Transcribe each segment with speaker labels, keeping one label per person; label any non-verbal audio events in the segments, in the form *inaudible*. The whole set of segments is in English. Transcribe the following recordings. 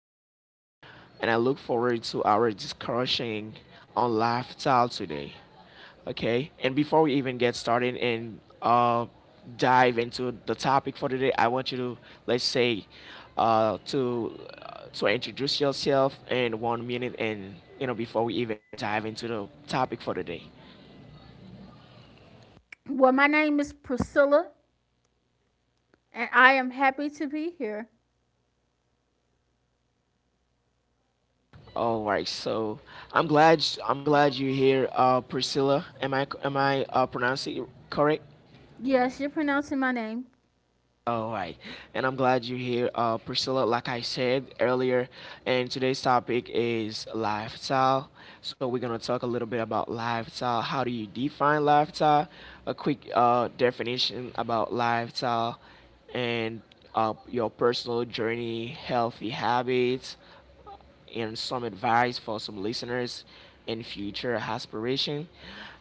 Speaker 1: growth, and I look forward to our discussion on lifestyle today. Okay, and before we even get started and dive into the topic for today, I want you to let's say to introduce yourself in 1 minute, and before we even dive into the topic for today.
Speaker 2: Well, my name is Priscilla, and I am happy to be here.
Speaker 1: All right, so I'm glad you're here, Priscilla. Am I pronouncing it correct?
Speaker 2: Yes, you're pronouncing my name.
Speaker 1: All right, and I'm glad you're here, Priscilla. Like I said earlier, and today's topic is lifestyle. So we're gonna talk a little bit about lifestyle. How do you define lifestyle? A quick definition about lifestyle, and your personal journey, healthy habits, and some advice for some listeners and future aspiration.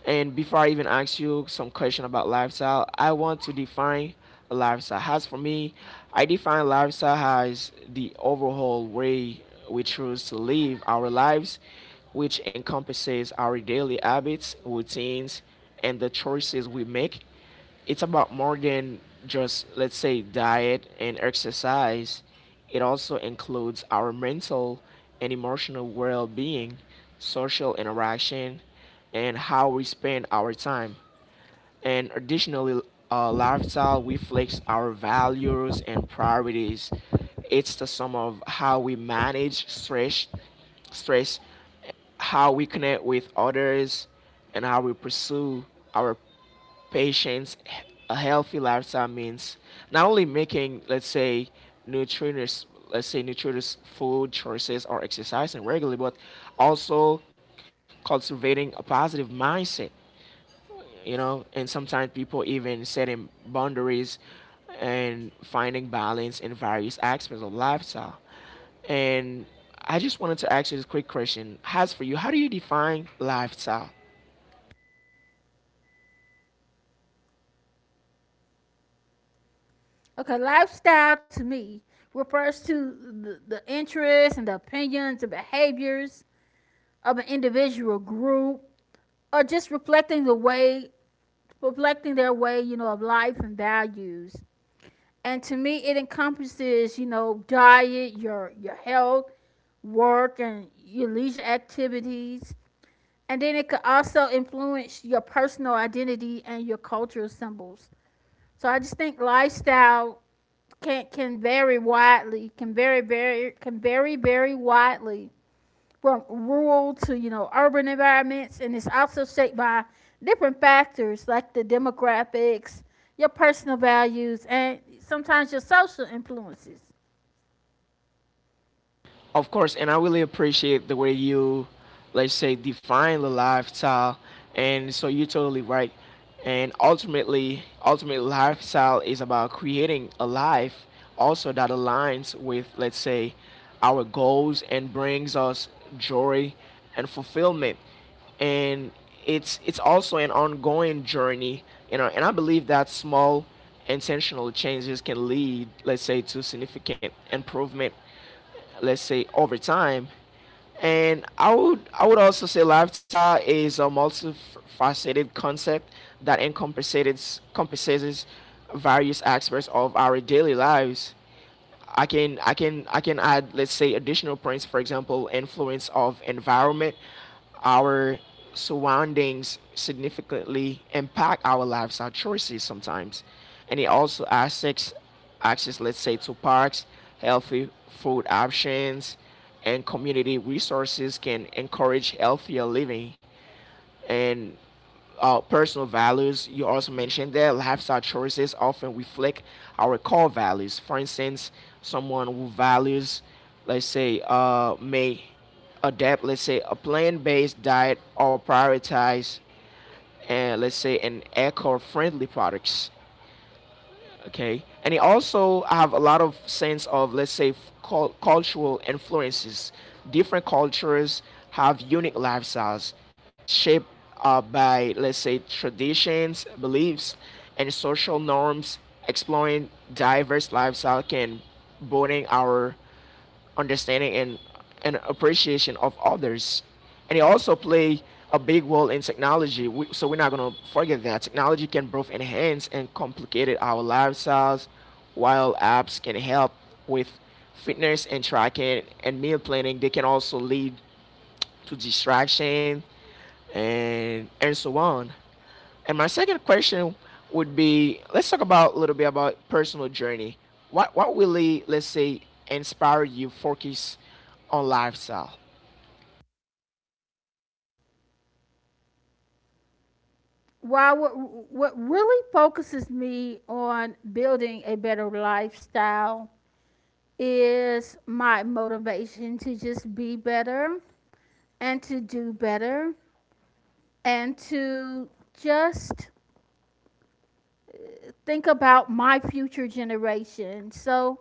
Speaker 1: And before I even ask you some question about lifestyle, I want to define a lifestyle. As for me, I define lifestyle as the overall way we choose to live our lives, which encompasses our daily habits, routines, and the choices we make. It's about more than just, let's say, diet and exercise. It also includes our mental and emotional well being, social interaction, and how we spend our time. And additionally, lifestyle reflects our values and priorities. It's the sum of how we manage stress, how we connect with others, and how we pursue our patients. A healthy lifestyle means not only making, let's say, nutritious food choices or exercising regularly, but also cultivating a positive mindset, you know, and sometimes people even setting boundaries and finding balance in various aspects of lifestyle. And I just wanted to ask you this quick question: has for you, how do you define lifestyle?
Speaker 2: Okay, lifestyle to me refers to the interests and the opinions and behaviors of an individual group, or just reflecting reflecting their way, you know, of life and values. And to me, it encompasses, you know, diet, your health, work, and your leisure activities. And then it could also influence your personal identity and your cultural symbols. So I just think lifestyle can vary widely, can vary very widely from rural to, you know, urban environments, and it's also shaped by different factors like the demographics, your personal values, and sometimes your social influences.
Speaker 1: Of course, and I really appreciate the way you, let's say, define the lifestyle. And so you're totally right. And ultimately, ultimate lifestyle is about creating a life also that aligns with, let's say, our goals and brings us joy and fulfillment. And it's also an ongoing journey, you know. And I believe that small intentional changes can lead, let's say, to significant improvement, let's say, over time. And I would also say lifestyle is a multifaceted concept that encompasses various aspects of our daily lives. I can add, let's say, additional points. For example, influence of environment: our surroundings significantly impact our lives, our choices sometimes, and it also affects access, let's say, to parks. Healthy food options and community resources can encourage healthier living. And personal values: you also mentioned that lifestyle choices often reflect our core values. For instance, someone who values, let's say, may adapt, let's say, a plant-based diet or prioritize, and let's say, an eco-friendly products. Okay, and it also have a lot of sense of, let's say, cultural influences. Different cultures have unique lifestyles shaped by, let's say, traditions, beliefs, and social norms. Exploring diverse lifestyle can broaden our understanding and appreciation of others. And it also play a big role in technology. We, so we're not gonna forget that technology can both enhance and complicate our lifestyles. While apps can help with fitness and tracking and meal planning, they can also lead to distraction and so on. And my second question would be, let's talk about a little bit about personal journey. What really, let's say, inspired you focus on lifestyle?
Speaker 2: While what, what really focuses me on building a better lifestyle is my motivation to just be better and to do better and to just think about my future generation. So,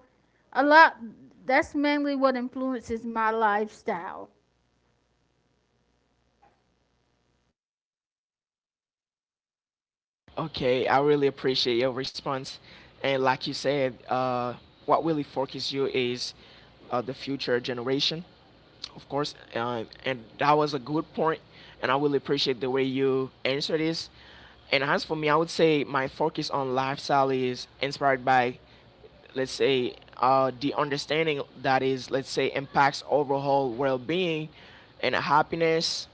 Speaker 2: a lot that's mainly what influences my lifestyle.
Speaker 1: Okay, I really appreciate your response. And like you said, what really focuses you is the future generation, of course. And that was a good point, and I really appreciate the way you answered this. And as for me, I would say my focus on lifestyle is inspired by, let's say, the understanding that is, let's say, impacts overall well-being and happiness.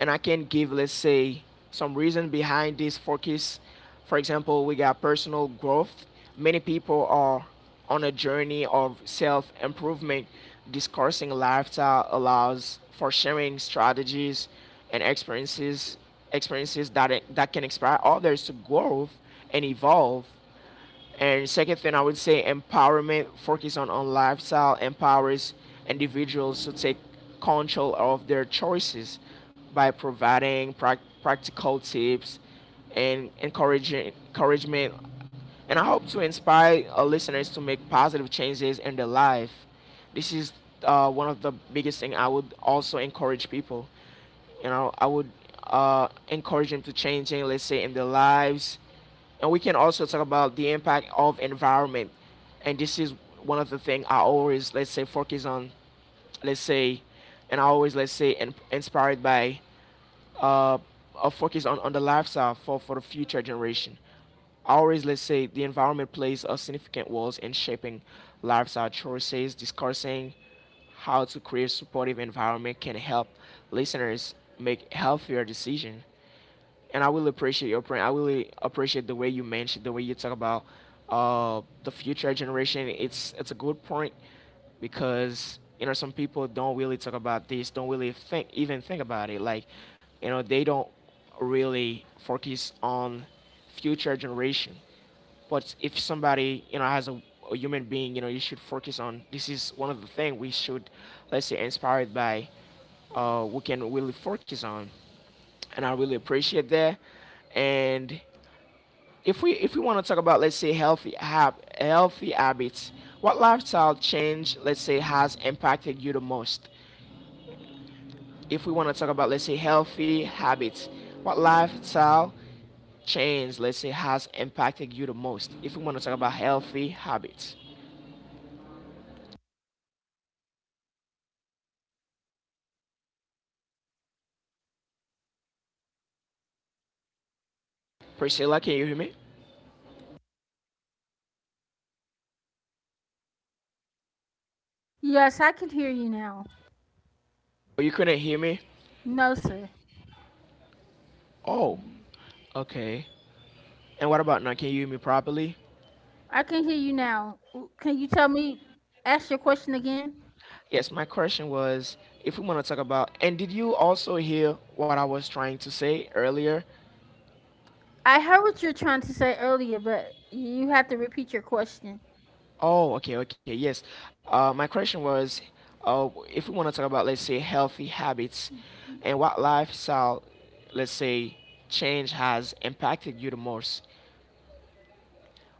Speaker 1: And I can give, let's say, some reason behind this focus. For example, we got personal growth. Many people are on a journey of self improvement. Discussing lifestyle allows for sharing strategies and experiences that can inspire others to grow and evolve. And second thing, I would say empowerment focus on lifestyle empowers individuals to take control of their choices by providing practical tips and encouraging encouragement. And I hope to inspire our listeners to make positive changes in their life. This is one of the biggest thing I would also encourage people. You know, I would encourage them to changing, let's say, in their lives. And we can also talk about the impact of environment, and this is one of the things I always, let's say, focus on, let's say, and I always, let's say, inspired by uh, a focus on the lifestyle for the future generation. I always, let's say, the environment plays a significant role in shaping lifestyle choices. Discussing how to create supportive environment can help listeners make healthier decisions. And I really appreciate your print. I really appreciate the way you mentioned, the way you talk about the future generation. It's a good point because, you know, some people don't really talk about this, don't really think even think about it. Like, you know, they don't really focus on future generation. But if somebody, you know, has a human being, you know, you should focus on. This is one of the things we should, let's say, inspired by. We can really focus on, and I really appreciate that. And if we want to talk about, let's say, healthy habits, what lifestyle change, let's say, has impacted you the most? If we want to talk about, let's say, healthy habits, what lifestyle change, let's say, has impacted you the most? If we want to talk about healthy habits, Priscilla, can you hear me?
Speaker 2: Yes, I can hear you now.
Speaker 1: Oh, you couldn't hear me?
Speaker 2: No, sir.
Speaker 1: Oh, okay. And what about now? Can you hear me properly?
Speaker 2: I can hear you now. Can you tell me, ask your question again?
Speaker 1: Yes, my question was, if we want to talk about, and did you also hear what I was trying to say earlier?
Speaker 2: I heard what you're trying to say earlier, but you have to repeat your question.
Speaker 1: Oh, okay, okay, yes. My question was if we want to talk about, let's say, healthy habits and what lifestyle, let's say, change has impacted you the most.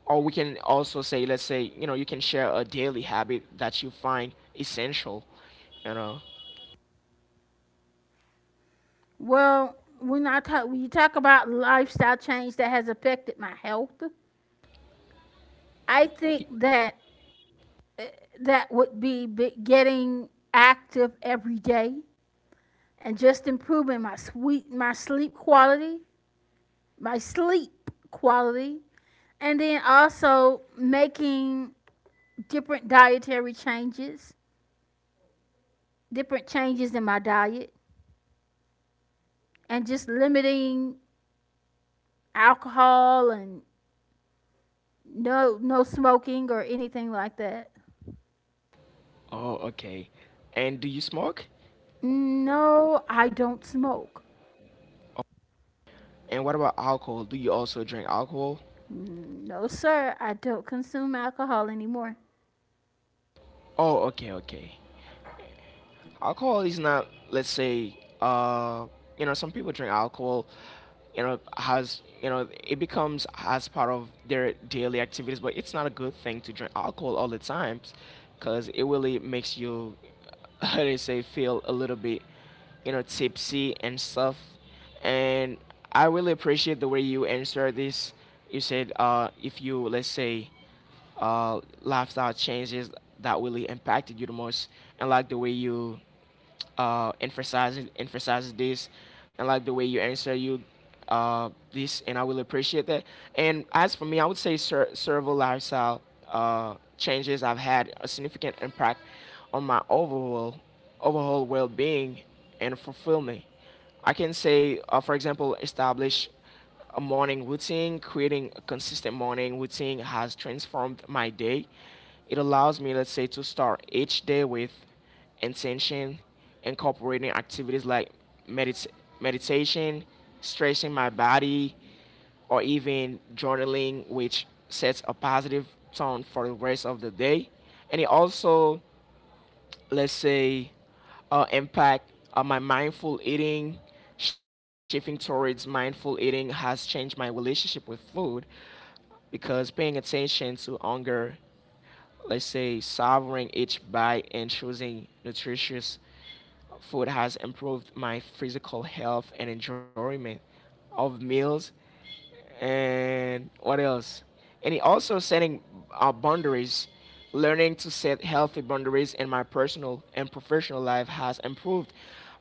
Speaker 1: Or we can also say, let's say, you know, you can share a daily habit that you find essential, you know.
Speaker 2: When you talk about lifestyle change that has affected my health, I think
Speaker 1: Y-
Speaker 2: that that would be getting active every day and just improving my sweet my sleep quality, my sleep quality, and then also making different dietary changes, different changes in my diet, and just limiting alcohol and no smoking or anything like that.
Speaker 1: Oh, okay. And do you smoke?
Speaker 2: No, I don't smoke.
Speaker 1: And what about alcohol? Do you also drink alcohol?
Speaker 2: No, sir, I don't consume alcohol anymore.
Speaker 1: Oh, okay, okay. Alcohol is not, let's say, you know, some people drink alcohol, you know, has, you know, it becomes as part of their daily activities, but it's not a good thing to drink alcohol all the times because it really makes you, *laughs* how do you say, feel a little bit, you know, tipsy and stuff. And I really appreciate the way you answer this. You said, if you, let's say, lifestyle changes that really impacted you the most, and like the way you emphasizing emphasizes this, and like the way you answer you this, and I will appreciate that. And as for me, I would say servo lifestyle changes have had a significant impact on my overall well-being and fulfillment. I can say, for example, establish a morning routine. Creating a consistent morning routine has transformed my day. It allows me, let's say, to start each day with intention, incorporating activities like medit- meditation, stretching my body, or even journaling, which sets a positive tone for the rest of the day. And it also, let's say, impact on my mindful eating. Shifting towards mindful eating has changed my relationship with food because paying attention to hunger, let's say, savoring each bite and choosing nutritious Food has improved my physical health and enjoyment of meals. And what else? And it also setting boundaries, learning to set healthy boundaries in my personal and professional life has improved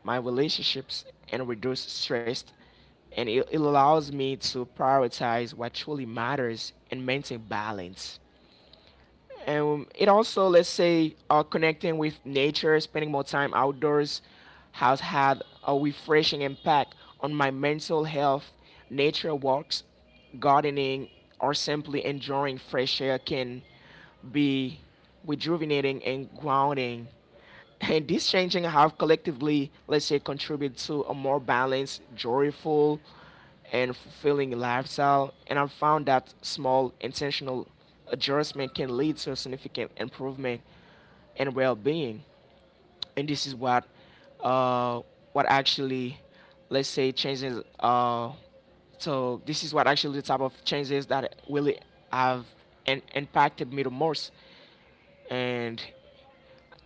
Speaker 1: my relationships and reduced stress. And it allows me to prioritize what truly matters and maintain balance. And it also, let's say, connecting with nature, spending more time outdoors has had a refreshing impact on my mental health. Nature walks, gardening, or simply enjoying fresh air can be rejuvenating and grounding. And these changes have collectively, let's say, contributed to a more balanced, joyful, and fulfilling lifestyle. And I've found that small, intentional adjustment can lead to a significant improvement in well-being. And this is uh, what actually, let's say, changes. So this is what actually the type of changes that really have impacted me the most. And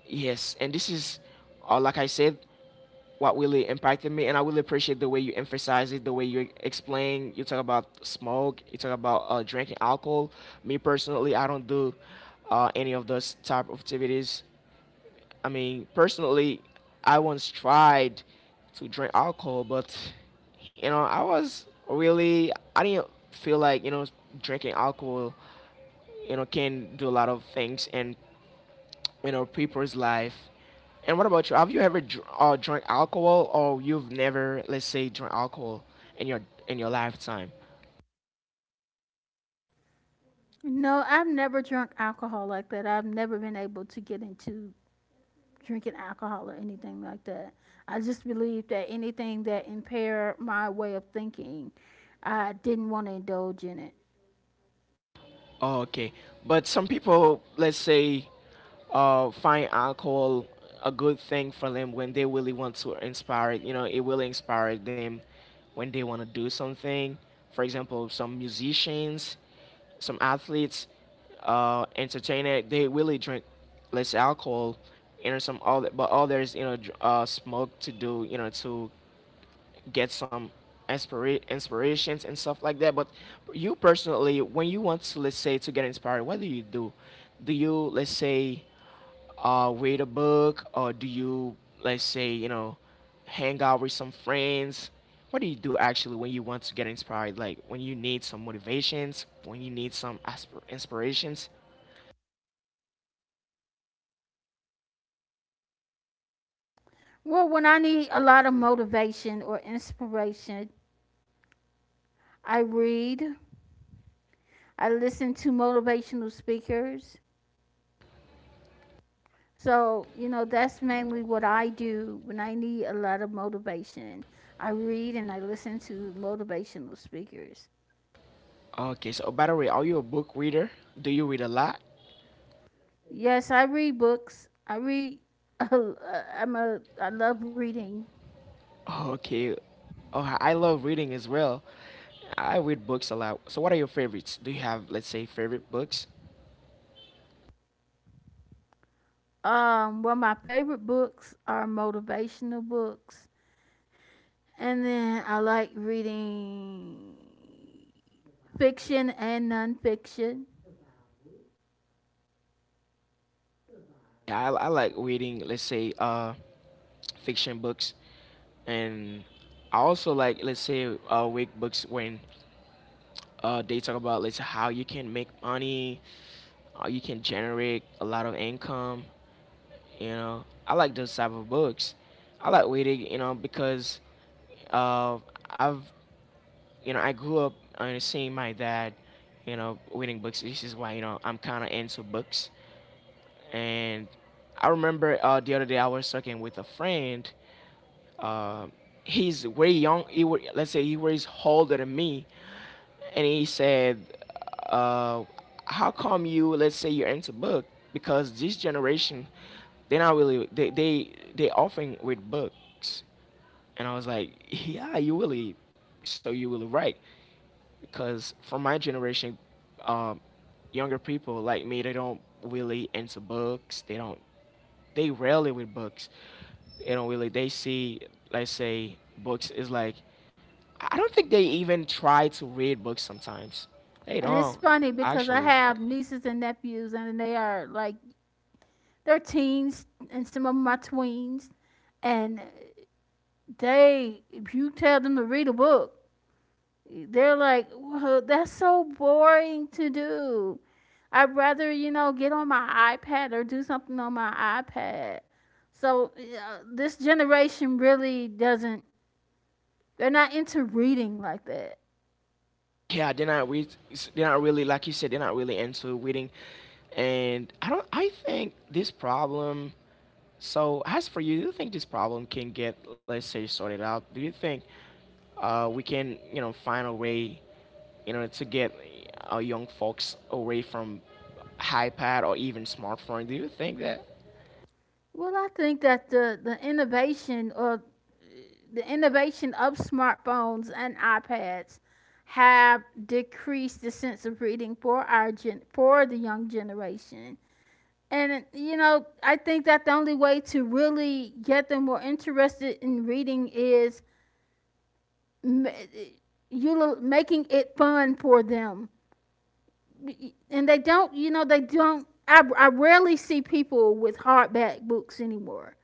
Speaker 1: Yes, and this is, like I said, what really impacted me, and I really appreciate the way you emphasize it, the way you explain. You talk about smoke, you talk about drinking alcohol. Me personally, I don't do any of those type of activities. I mean, personally, I once tried to drink alcohol, but I was really, I didn't feel like drinking alcohol, you know, can do a lot of things and people's life. And what about you? Have you ever drank alcohol, or you've never, let's say, drank alcohol in your in your lifetime?
Speaker 2: No, I've never drunk alcohol like that. I've never been able to get into drinking alcohol or anything like that. I just believe that anything that impair my way of thinking, I didn't want to indulge in it.
Speaker 1: Oh, okay. But some people, let's say, find alcohol a good thing for them when they really want to inspire it. You know, it will inspire them when they want to do something. For example, some musicians, some athletes, entertainer, they really drink less alcohol, you know, some all but others, you know, smoke to do, you know, to get some inspirations and stuff like that. But you personally, when you want to, let's say, to get inspired, what do you do? Do you, let's say, read a book, or do you, let's say, hang out with some friends? What do you do actually when you want to get inspired? Like when you need some motivations, when you need some inspirations?
Speaker 2: Well, when I need a lot of motivation or inspiration, I read, I listen to motivational speakers. So, you know, that's mainly what I do when I need a lot of motivation. I read and I listen to motivational speakers.
Speaker 1: Okay, so by the way, are you a book reader? Do you read a lot?
Speaker 2: Yes, I read books. I read *laughs* I love reading.
Speaker 1: Oh, okay. Oh, I love reading as well. I read books a lot. So, what are your favorites? Do you have, let's say, favorite books?
Speaker 2: One of my favorite books are motivational books. And then I like reading fiction and nonfiction.
Speaker 1: Yeah, I like reading, let's say, fiction books, and I also like, let's say, week books when they talk about, let's say, how you can make money, how you can generate a lot of income. You know, I like those type of books. I like reading, you know, because uh, I've I grew up seeing my dad, you know, reading books. This is why, you know, I'm kind of into books. And I remember the other day I was talking with a friend. Uh, he's way young. He were, let's say he was older than me. And he said, uh, how come you, let's say you're into book? Because this generation, they're not really, they often read books. And I was like, yeah, you really, so you really right. Cause for my generation, um, younger people like me, they don't really into books. They don't. They rarely with books. They don't really. They see, let's say, books is like. I don't think they even try to read books sometimes. They
Speaker 2: And it's
Speaker 1: don't
Speaker 2: funny because I
Speaker 1: actually.
Speaker 2: have nieces and nephews, and they are like. They're teens, and some of them are tweens, and they, if you tell them to read a book, they're like, well, that's so boring to do. I'd rather, you know, get on my iPad or do something on my iPad. So this generation really doesn't, they're not into reading like that.
Speaker 1: Yeah, they're not they're not really like you said they're not really into weeding, and I don't I think this problem, so as for you, do you think this problem can get, let's say, sorted out? Do you think we can, you know, find a way, you know, to get young folks away from iPad or even smartphone? Do you think that?
Speaker 2: Well, I think that the innovation or the innovation of smartphones and iPads have decreased the sense of reading for our for the young generation. And, you know, I think that the only way to really get them more interested in reading is m- you making it fun for them. And they don't, you know, they don't. I rarely see people with hardback books anymore.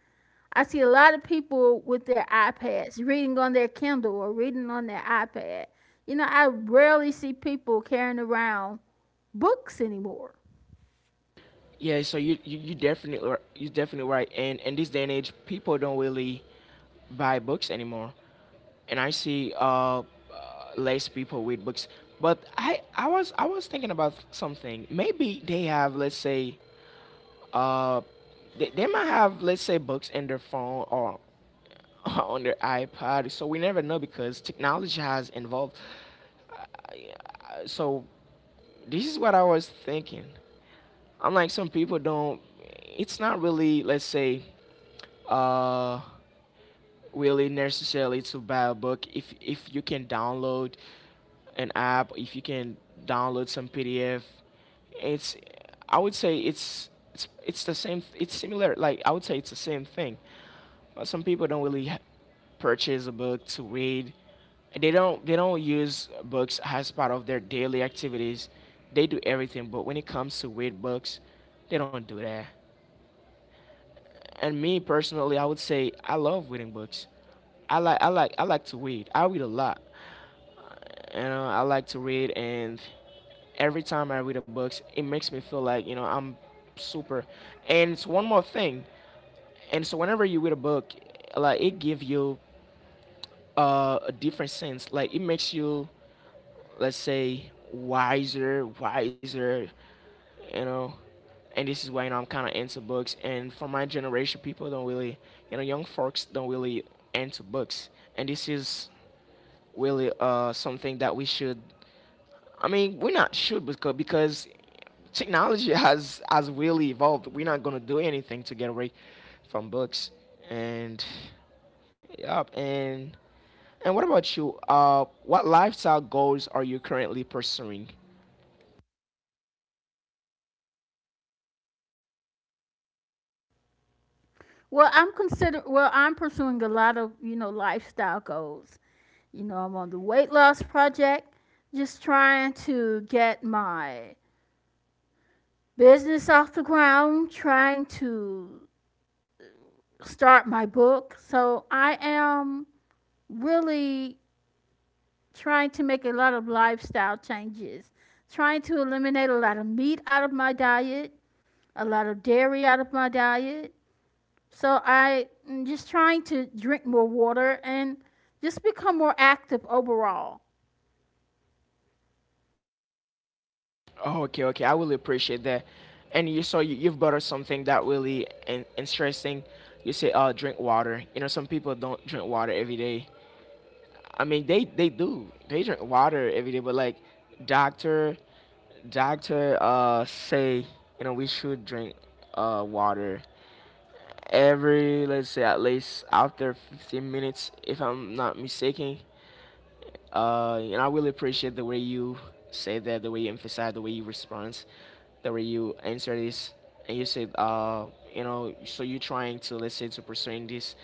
Speaker 2: I see a lot of people with their iPads reading on their Kindle or reading on their iPad. You know, I rarely see people carrying around books anymore.
Speaker 1: Yeah, so you definitely you definitely right. And in this day and age, people don't really buy books anymore, and I see less people read books. But I, I was thinking about something. Maybe they have, let's say, uh, they might have, let's say, books in their phone or *laughs* on their iPod. So we never know because technology has evolved. So this is what I was thinking. I'm like some people don't. It's not really, let's say, uh, really necessarily to buy a book. If you can download an app, if you can download some PDF, it's, I would say it's, it's the same. It's similar. Like I would say it's the same thing. But some people don't really purchase a book to read. They don't, they don't use books as part of their daily activities. They do everything, but when it comes to read books, they don't do that. And me personally, I would say I love reading books. I like to read. I read a lot. You know, I like to read, and every time I read a book, it makes me feel like I'm super. And it's one more thing. And so whenever you read a book, like it gives you a different sense. Like it makes you, let's say, wiser, wiser, you know. And this is why, you know, I'm kind of into books. And for my generation, people don't really, you know, young folks don't really into books. And this is really something that we should. I mean, we are not should, because technology *laughs* has really evolved. We're not gonna do anything to get away from books. And Yep. And what about you? What lifestyle goals are you currently pursuing?
Speaker 2: Well, I'm pursuing a lot of, you know, lifestyle goals. You know, I'm on the weight loss project, just trying to get my business off the ground, trying to start my book. So I am really trying to make a lot of lifestyle changes, trying to eliminate a lot of meat out of my diet, a lot of dairy out of my diet. So I am just trying to drink more water and just become more active overall.
Speaker 1: Oh, okay, okay. I really appreciate that. And you saw you've brought us something that really interesting. You say, drink water. You know, some people don't drink water every day. I mean, they do. They drink water every day, but like doctor, doctor, say, you know, we should drink, water every, let's say at least after 15 minutes, if I'm not mistaken. And I really appreciate the way you say that, the way you emphasize, the way you respond, the way you answer this. And you said, you know, so you're trying to, let's say, to pursuing this,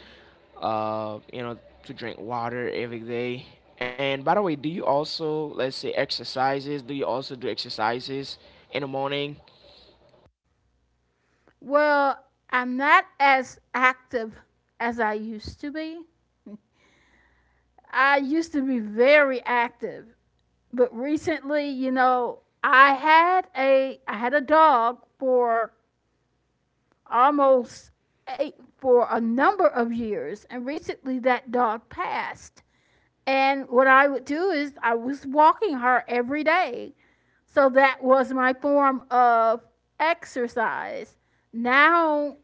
Speaker 1: you know, to drink water every day. And by the way, do you also, let's say, exercises? Do you also do exercises in the morning?
Speaker 2: Well, I'm not as active as I used to be. I used to be very active, but recently, you know, I had a dog for almost ate for a number of years, and recently that dog passed. And what I would do is I was walking her every day. So that was my form of exercise. Now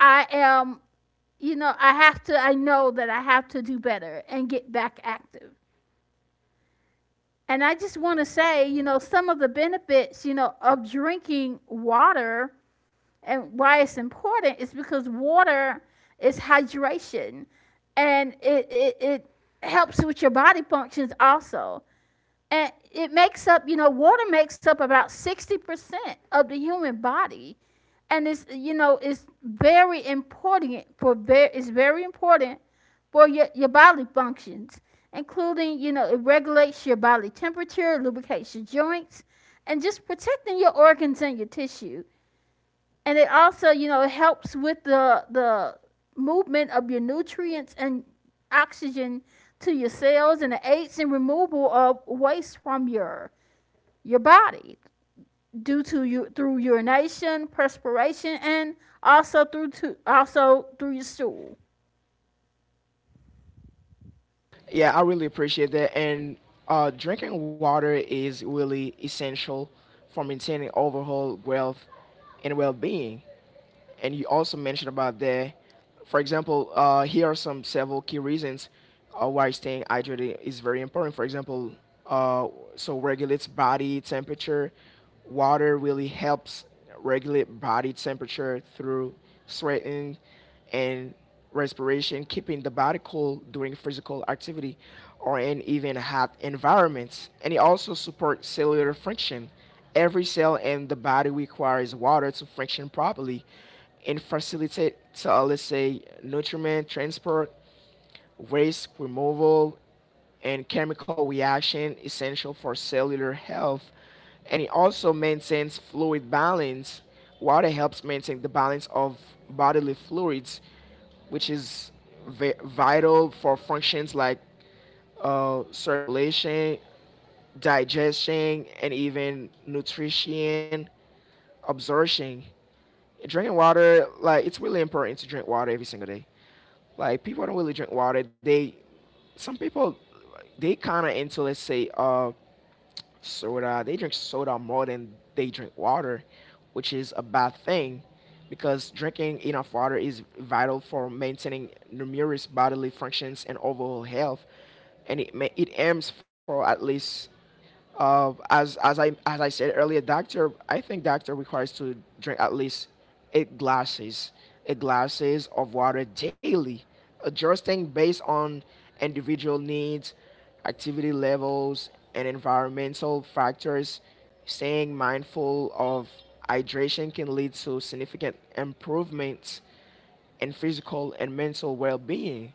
Speaker 2: I am, you know, I know that I have to do better and get back active. And I just want to say, you know, some of the benefits, you know, of drinking water. And why it's important is because water is hydration and it helps with your body functions also. And it makes up, you know, water makes up about 60% of the human body. And it's, you know, it's very important it's very important for your body functions, including, you know, it regulates your body temperature, lubricates your joints, and just protecting your organs and your tissues. And it also, you know, it helps with the movement of your nutrients and oxygen to your cells, and it aids in removal of waste from your body due to, you through urination, perspiration, and also through your stool.
Speaker 1: Yeah, I really appreciate that. And drinking water is really essential for maintaining overall wealth and well-being. And you also mentioned about there. For example, here are some several key reasons why staying hydrated is very important. For example, uh, so regulates body temperature. Water really helps regulate body temperature through sweating and respiration, keeping the body cool during physical activity or in even hot environments. And it also supports cellular function. Every cell in the body requires water to function properly and facilitate, let's say, nutrient transport, waste removal, and chemical reaction essential for cellular health. And it also maintains fluid balance. Water helps maintain the balance of bodily fluids, which is vital for functions like circulation, digestion, and even nutrition absorption. Drinking water, like it's really important to drink water every single day. Like people don't really drink water. Some people, they kind of into, let's say, soda. They drink soda more than they drink water, which is a bad thing, because drinking enough water is vital for maintaining numerous bodily functions and overall health, and it it aims for at least, as as I said earlier, doctor, I think doctor requires to drink at least eight glasses, eight glasses of water daily, adjusting based on individual needs, activity levels, and environmental factors. Staying mindful of hydration can lead to significant improvements in physical and mental well-being.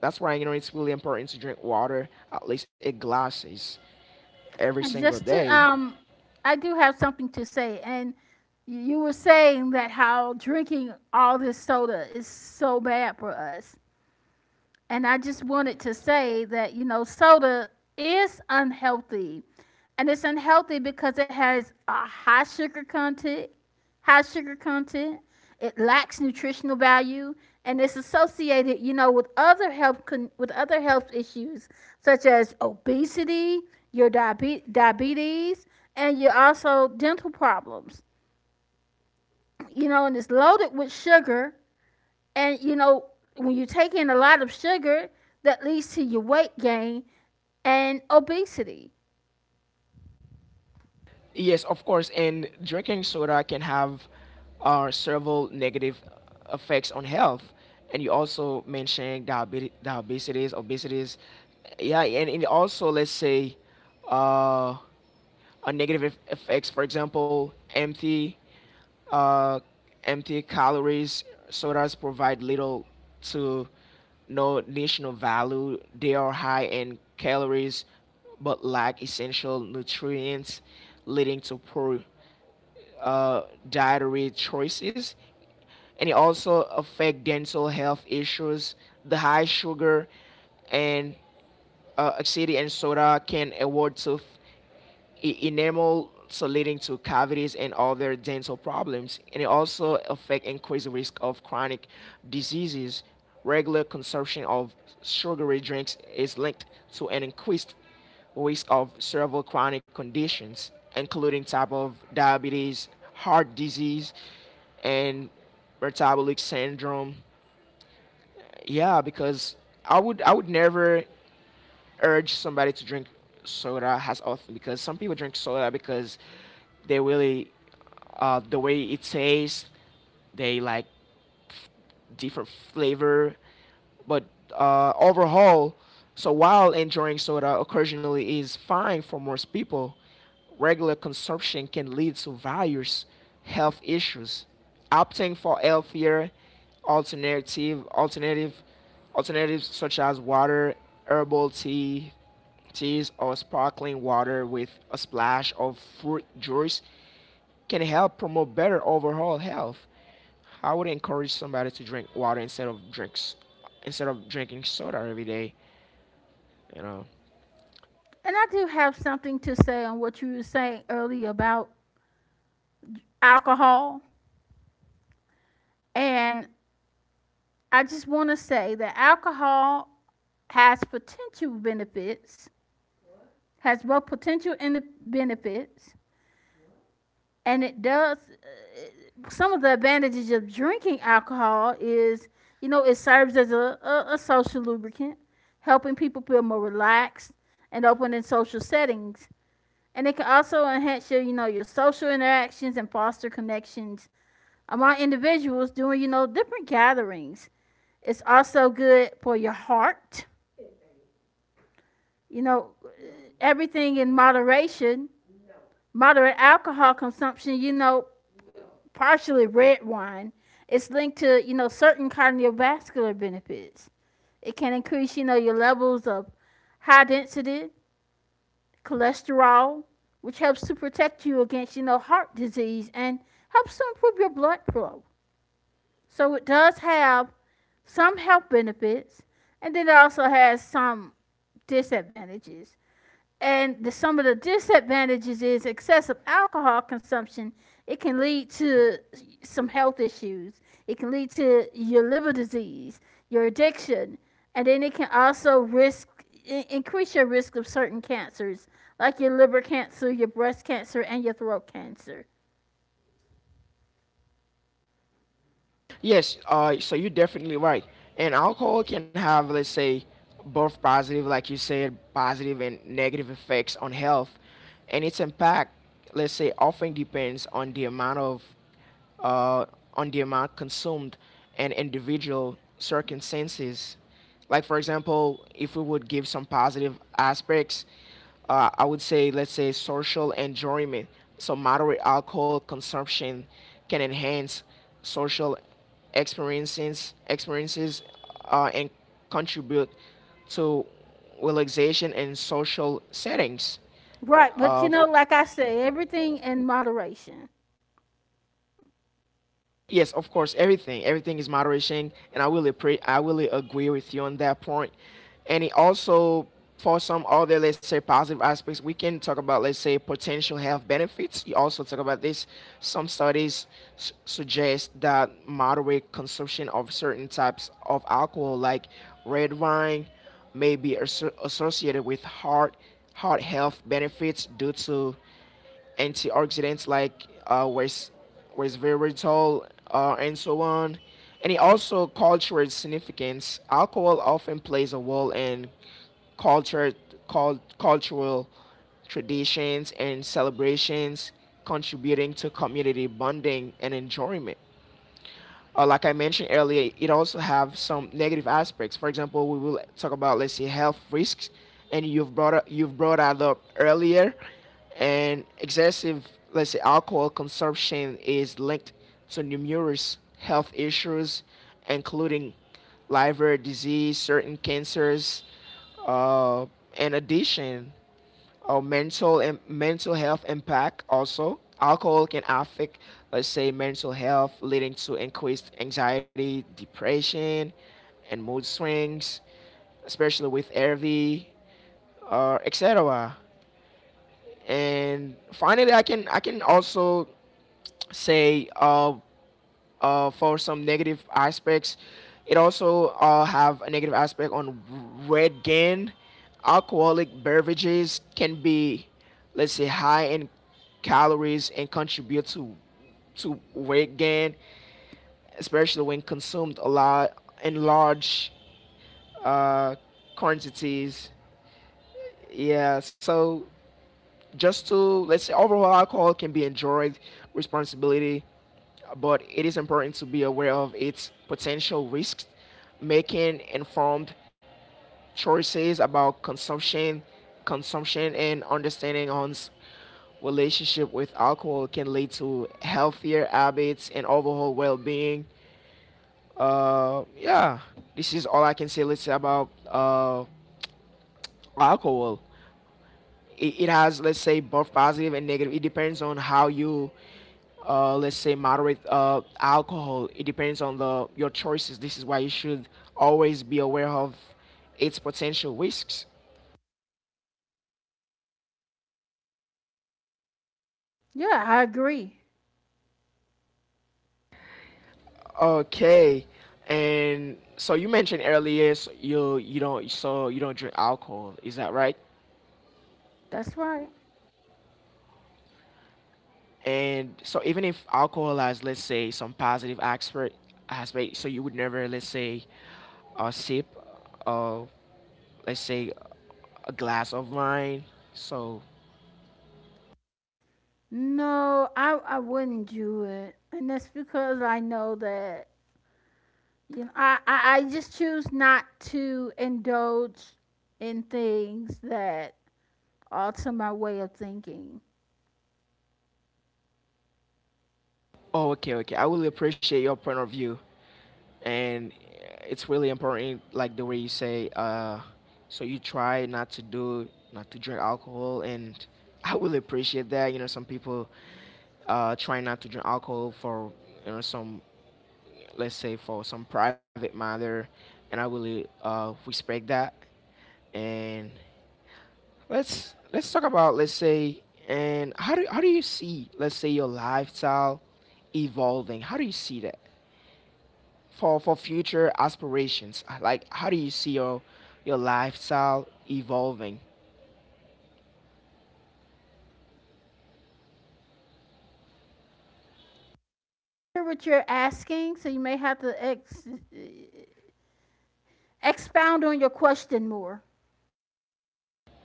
Speaker 1: That's why, you know, it's really important to drink water at least eight glasses every
Speaker 2: And
Speaker 1: single
Speaker 2: just to
Speaker 1: day.
Speaker 2: I do have something to say. And you were saying that how drinking all this soda is so bad for us. And I just wanted to say that, you know, soda is unhealthy. And it's unhealthy because it has a high sugar content, high sugar content. It lacks nutritional value, and it's associated, you know, with other with other health issues such as obesity, your diabetes, and your also dental problems. You know, and it's loaded with sugar. And, you know, when you take in a lot of sugar, that leads to your weight gain and obesity.
Speaker 1: Yes, of course. And drinking soda can have several negative effects on health. And you also mentioned diabetes, diabetes, obesities. Yeah, and also let's say, uh, a negative effects. For example, uh, empty calories. Sodas provide little to no nutritional value. They are high in calories, but lack essential nutrients, leading to poor uh, dietary choices. And it also affect dental health issues. The high sugar and acidity in soda can erode tooth enamel, so leading to cavities and other dental problems. And it also affect increased risk of chronic diseases. Regular consumption of sugary drinks is linked to an increased risk of several chronic conditions, including type of diabetes, heart disease, and metabolic syndrome. Yeah, because I would never urge somebody to drink soda as often because some people drink soda because they really, the way it tastes they like different flavor. But overall, so while enjoying soda occasionally is fine for most people, regular consumption can lead to various health issues. Opting for healthier alternative alternative alternatives such as water, herbal tea, teas or sparkling water with a splash of fruit juice can help promote better overall health. I would encourage somebody to drink water instead of drinking soda every day, you know.
Speaker 2: And I do have something to say on what you were saying earlier about alcohol. And I just want to say that alcohol has potential benefits, has both potential and the benefits, and it does. Some of the advantages of drinking alcohol is, you know, it serves as a social lubricant, helping people feel more relaxed and open in social settings. And it can also enhance your, you know, your social interactions and foster connections among individuals doing, you know, different gatherings. It's also good for your heart. You know, everything in moderation. Moderate alcohol consumption, you know, partially red wine, it's linked to, you know, certain cardiovascular benefits. It can increase, you know, your levels of high density cholesterol, which helps to protect you against, you know, heart disease, and helps to improve your blood flow. So it does have some health benefits. And then it also has some disadvantages. And some of the disadvantages is excessive alcohol consumption. It can lead to some health issues. It can lead to your liver disease, your addiction, and then it can also risk increase your risk of certain cancers, like your liver cancer, your breast cancer, and your throat cancer.
Speaker 1: Yes, so you're definitely right. And alcohol can have, let's say, both positive, like you said, positive and negative effects on health. And its impact, let's say, often depends on the amount of uh, on the amount consumed and individual circumstances. Like, for example, if we would give some positive aspects, I would say, let's say, social enjoyment. So, moderate alcohol consumption can enhance social experiences, and contribute to relaxation in social settings.
Speaker 2: Right, but you
Speaker 1: Uh,
Speaker 2: know, like I say, everything in moderation.
Speaker 1: Yes, of course, everything. Everything is moderation, and I really I really agree with you on that point. And it also for some other, let's say, positive aspects, we can talk about, let's say, potential health benefits. You also talk about this. Some studies suggest that moderate consumption of certain types of alcohol, like red wine, may be associated with heart health benefits due to antioxidants like was resveratrol and so on. And it also cultural significance. Alcohol often plays a role in culture, cultural traditions and celebrations, contributing to community bonding and enjoyment. Like I mentioned earlier, it also have some negative aspects. For example, we will talk about, let's say, health risks, and you've brought that up earlier, and excessive, let's say, alcohol consumption is linked to numerous health issues, including liver disease, certain cancers. Uh, in addition, or mental health impact, also alcohol can affect, let's say, mental health, leading to increased anxiety, depression, and mood swings, especially with rv or etc. And finally, I can also say for some negative aspects. It also have a negative aspect on weight gain. Alcoholic beverages can be, let's say, high in calories and contribute to weight gain, especially when consumed a lot in large, uh, quantities. Yeah, so just to, let's say, overall, alcohol can be enjoyed responsibility, but it is important to be aware of its potential risks, making informed choices about consumption, and understanding one's relationship with alcohol can lead to healthier habits and overall well-being. Yeah, this is all I can say. Let's say about, alcohol. It has, let's say, both positive and negative. It depends on how you, let's say, moderate, alcohol. It depends on the your choices. This is why you should always be aware of its potential risks.
Speaker 2: Yeah, I agree.
Speaker 1: Okay, and so you mentioned earlier, so you don't drink alcohol, is that right?
Speaker 2: That's right.
Speaker 1: And so even if alcohol has, let's say, some positive aspect, so you would never, let's say, sip, uh, let's say, a glass of wine. So,
Speaker 2: No, I wouldn't do it, and that's because I know that, you know, I just choose not to indulge in things that alter my way of thinking.
Speaker 1: oh, okay, okay. I really appreciate your point of view, and it's really important, like the way you say. So you try not to not to drink alcohol, and I really appreciate that. You know, some people try not to drink alcohol for, you know, some, let's say, for some private matter, and I really respect that. And let's talk about, let's say, and how do you see, let's say, your lifestyle evolving? How do you see that for future aspirations? Like, how do you see your lifestyle evolving?
Speaker 2: I'm not sure what you're asking, so you may have to expound on your question more.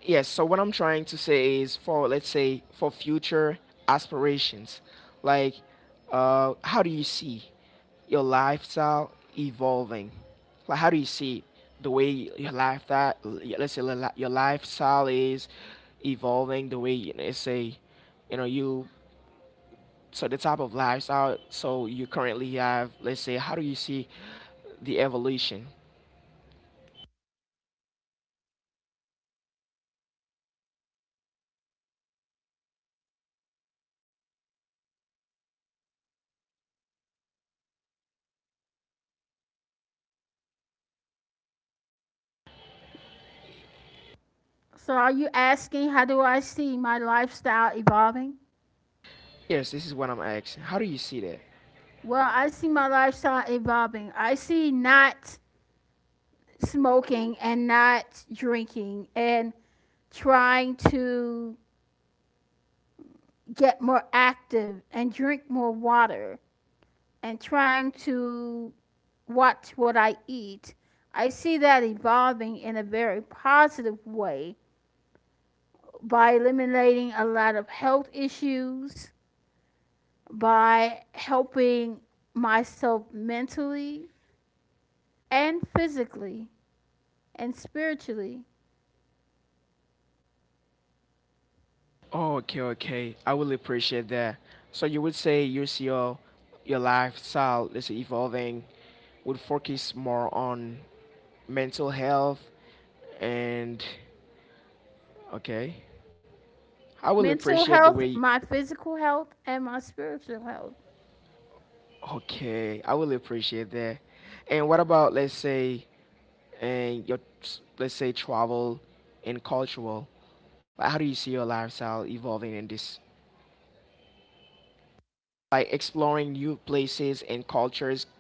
Speaker 1: Yes, so what I'm trying to say is for, let's say, for future aspirations, like, how do you see your lifestyle evolving? Like, how do you see the way your lifestyle, let's say, your lifestyle is evolving, the way, you know, let's say, you know, you, so the type of lifestyle, so you currently have, let's say, how do you see the evolution?
Speaker 2: So, are you asking how do I see my lifestyle evolving?
Speaker 1: Yes, this is what I'm asking. How do you see that?
Speaker 2: Well, I see my lifestyle evolving. I see not smoking and not drinking and trying to get more active and drink more water and trying to watch what I eat. I see that evolving in a very positive way by eliminating a lot of health issues, by helping myself mentally and physically and spiritually.
Speaker 1: Oh, okay, okay. I will appreciate that. So you would say you see your lifestyle is evolving, would focus more on mental health and okay. I will
Speaker 2: Mental
Speaker 1: appreciate the
Speaker 2: health,
Speaker 1: way
Speaker 2: my physical health, and my spiritual health.
Speaker 1: okay, I will appreciate that. And what about, let's say, and your let's say travel and cultural? Like, how do you see your lifestyle evolving in this? Like exploring new places and cultures.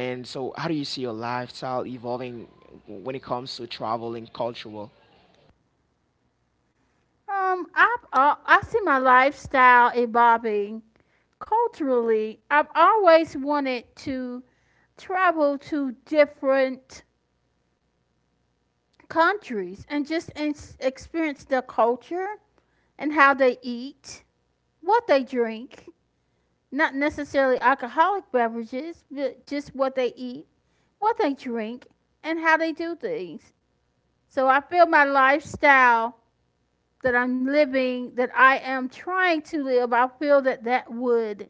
Speaker 1: And so, how do you see your lifestyle evolving when it comes to traveling cultural?
Speaker 2: I see my lifestyle evolving culturally. I've always wanted to travel to different countries and just experience their culture and how they eat, what they drink, not necessarily alcoholic beverages, but just what they eat, what they drink, and how they do things. So I feel my lifestyle that I'm living, that I am trying to live, I feel that that would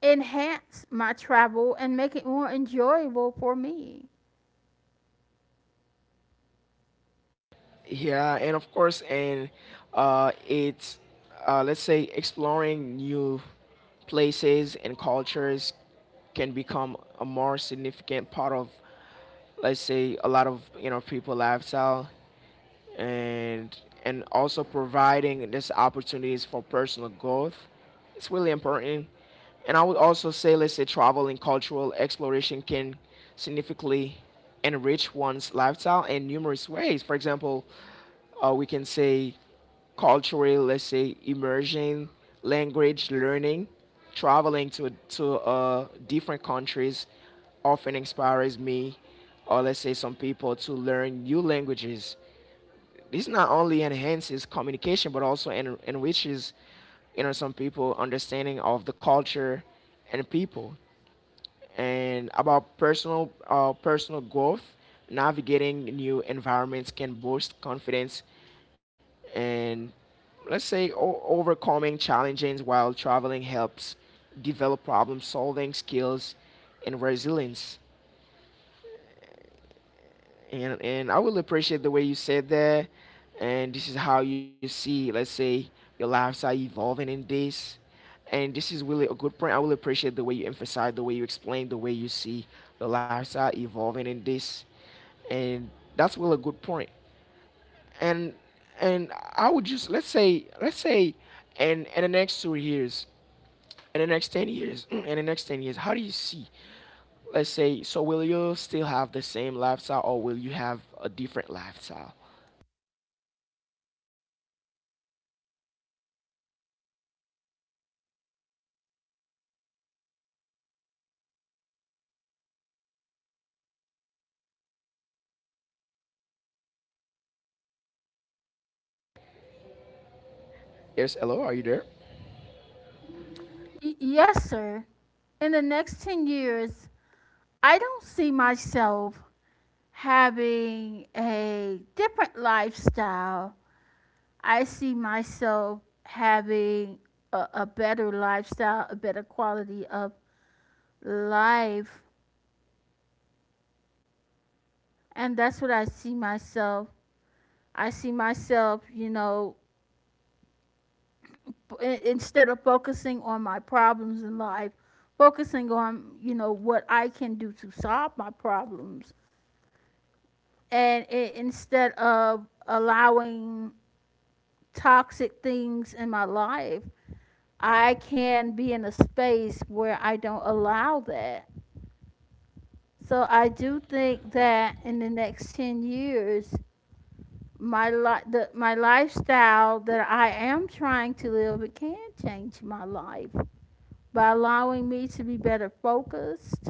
Speaker 2: enhance my travel and make it more enjoyable for me.
Speaker 1: Yeah, and of course, and it's, let's say, exploring new places and cultures can become a more significant part of, let's say, a lot of, you know, people lifestyle, and and also providing these opportunities for personal growth. It's really important. And I would also say, let's say, travel and cultural exploration can significantly enrich one's lifestyle in numerous ways. For example, we can say cultural, let's say, immersion, language learning, traveling to different countries often inspires me, or let's say, some people to learn new languages. This not only enhances communication, but also enriches, you know, some people understanding of the culture and people, and about personal, personal growth. Navigating new environments can boost confidence, and, let's say, overcoming challenges while traveling helps develop problem solving skills and resilience, and I will appreciate the way you said that. And this is how you see, let's say, your lifestyle evolving in this. And this is really a good point. I will appreciate the way you emphasize, the way you explain, the way you see your lifestyle evolving in this. And that's really a good point. And and I would just, let's say, let's say, and in the next 2 years, in the next 10 years, *clears throat* in the next 10 years, how do you see? Let's say, so will you still have the same lifestyle, or will you have a different lifestyle? Yes, hello, are you there?
Speaker 2: Yes, sir. In the next 10 years, I don't see myself having a different lifestyle. I see myself having a better lifestyle, a better quality of life. And that's what I see myself. I see myself, you know, instead of focusing on my problems in life, focusing on, you know, what I can do to solve my problems. And instead of allowing toxic things in my life, I can be in a space where I don't allow that. So I do think that in the next 10 years, my lifestyle that I am trying to live, it can change my life by allowing me to be better focused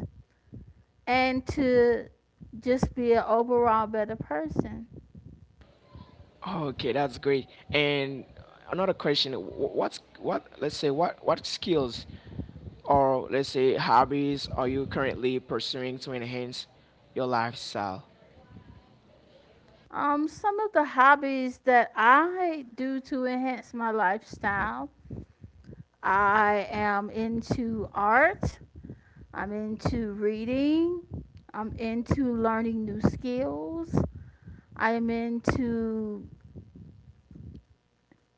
Speaker 2: and to just be an overall better person.
Speaker 1: Okay, that's great. And another question: wh- What's what? Let's say, what skills or, let's say, hobbies are you currently pursuing to enhance your lifestyle?
Speaker 2: Some of the hobbies that I do to enhance my lifestyle. I am into art. I'm into reading. I'm into learning new skills. I am into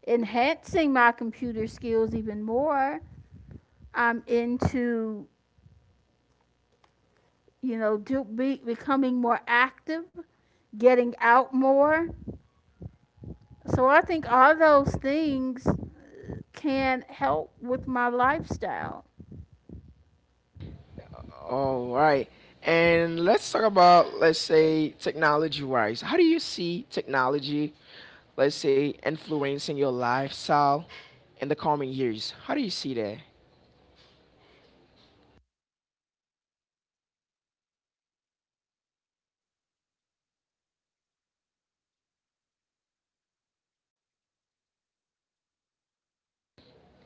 Speaker 2: enhancing my computer skills even more. I'm into, becoming more active, getting out more. So I think all those things can help with my lifestyle.
Speaker 1: All right. And let's talk about, let's say, technology-wise. How do you see technology, let's say, influencing your lifestyle in the coming years? How do you see that?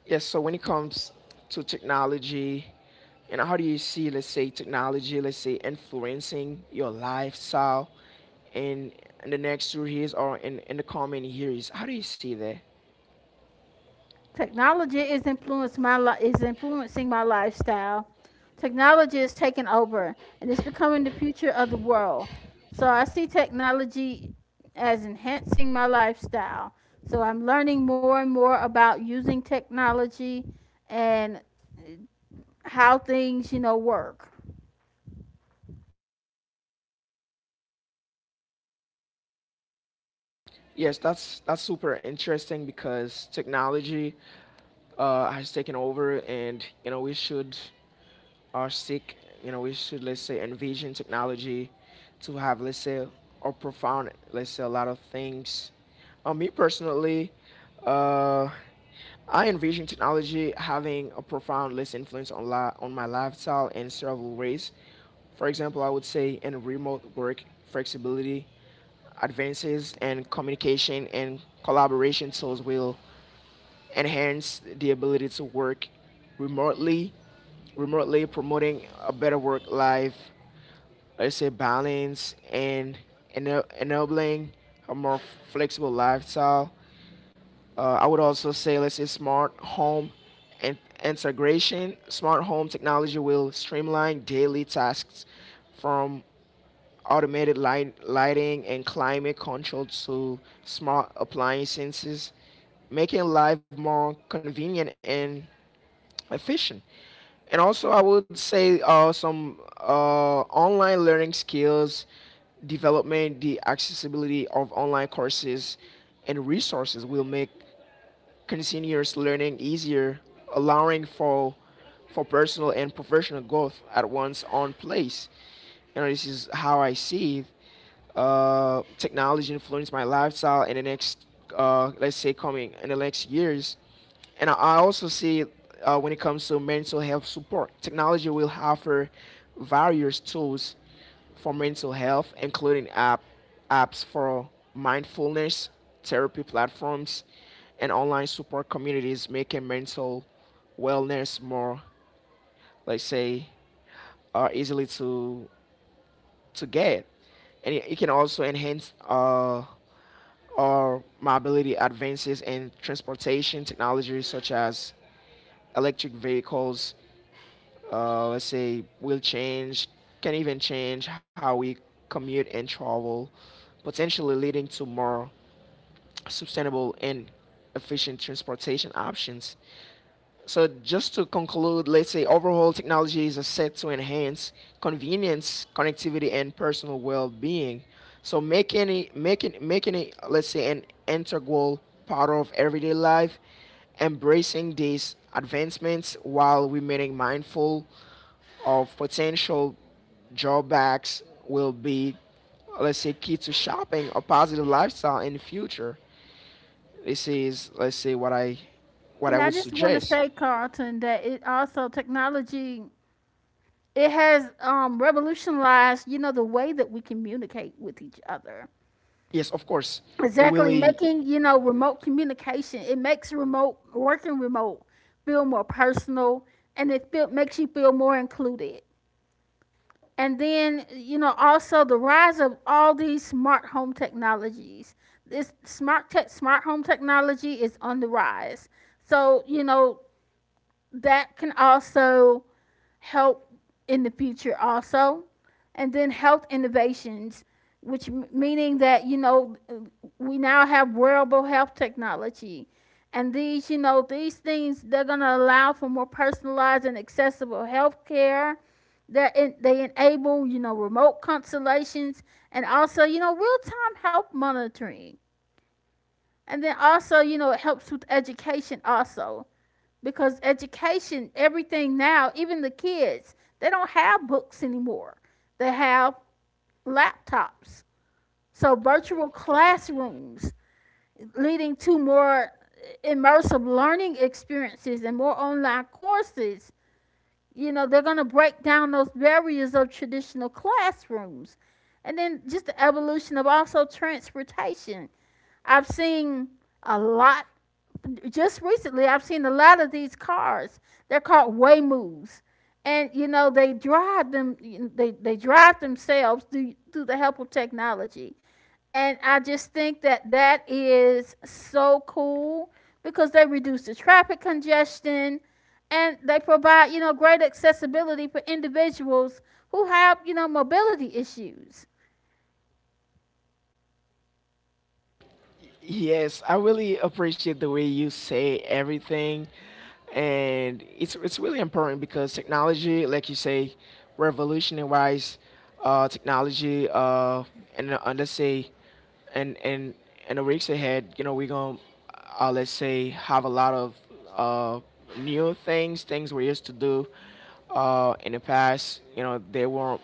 Speaker 1: Yes, so when it comes to technology, and how do you see, let's say, technology, let's say, influencing your lifestyle in in the next 2 years or in the coming years? How do you see that?
Speaker 2: Technology is influencing my lifestyle. Technology is taking over and it's becoming the future of the world. So I see technology as enhancing my lifestyle. So I'm learning more and more about using technology and how things work.
Speaker 1: That's super interesting because technology has taken over, and you know we should or seek, you know, we should, let's say, envision technology to have, let's say, a profound, let's say, a lot of things. Me personally, uh, I envision technology having a profound, let's influence on, on my lifestyle in several ways. For example, I would say in remote work, flexibility, advances in communication and collaboration tools will and hence the ability to work remotely, remotely, promoting a better work life, let's say, balance and enabling a more flexible lifestyle. I would also say, let's say, smart home and integration. Smart home technology will streamline daily tasks from lighting and climate control to smart appliances, making life more convenient and efficient. And also, I would say some online learning skills development, the accessibility of online courses and resources will make continuous learning easier, allowing for personal and professional growth at one's own place. You know, this is how I see it. Technology influenced my lifestyle in the next, let's say, coming in the next years. And I also see when it comes to mental health support, technology will offer various tools for mental health, including apps for mindfulness, therapy platforms, and online support communities, making mental wellness more, let's say, easily to get. And it can also enhance our mobility advances in transportation technologies such as electric vehicles, let's say, will change, can even change how we commute and travel, potentially leading to more sustainable and efficient transportation options. So just to conclude, let's say, overhaul technologies are set to enhance convenience, connectivity, and personal well-being. So making making it, let's say, an integral part of everyday life, embracing these advancements while remaining mindful of potential drawbacks will be, let's say, key to shopping a positive lifestyle in the future. This is, let's say, what I
Speaker 2: And I
Speaker 1: would
Speaker 2: just want to
Speaker 1: suggest.
Speaker 2: say, Carlton, that it also technology it has revolutionized, you know, the way that we communicate with each other.
Speaker 1: Yes, of course. It
Speaker 2: Exactly.
Speaker 1: really,
Speaker 2: Making, you know, remote communication, it makes remote working remote feel more personal and makes you feel more included. And then, you know, also the rise of all these smart home technologies. Smart home technology is on the rise. So, you know, that can also help in the future also. And then health innovations, which meaning that, you know, we now have wearable health technology. And these, you know, these things, they're going to allow for more personalized and accessible health care, that they enable, you know, remote consultations, and also, you know, real-time health monitoring. And then also, you know, it helps with education also, because education, everything now, even the kids, they don't have books anymore. They have laptops. So virtual classrooms, leading to more immersive learning experiences and more online courses. You know, they're going to break down those barriers of traditional classrooms. And then just the evolution of also transportation. I've seen a lot Just recently I've seen a lot of these cars. They're called Waymoves. And you know they drive them. They drive themselves through, through the help of technology. And I just think that that is so cool, because they reduce the traffic congestion and they provide, you know, great accessibility for individuals who have, you know, mobility issues.
Speaker 1: yes, I really appreciate the way you say everything, and it's really important because technology, like you say, revolutionary-wise, technology, and let's say, and and and the weeks ahead, you know, we're gonna, let's say, have a lot of uh new things, things we used to do, in the past. You know, they weren't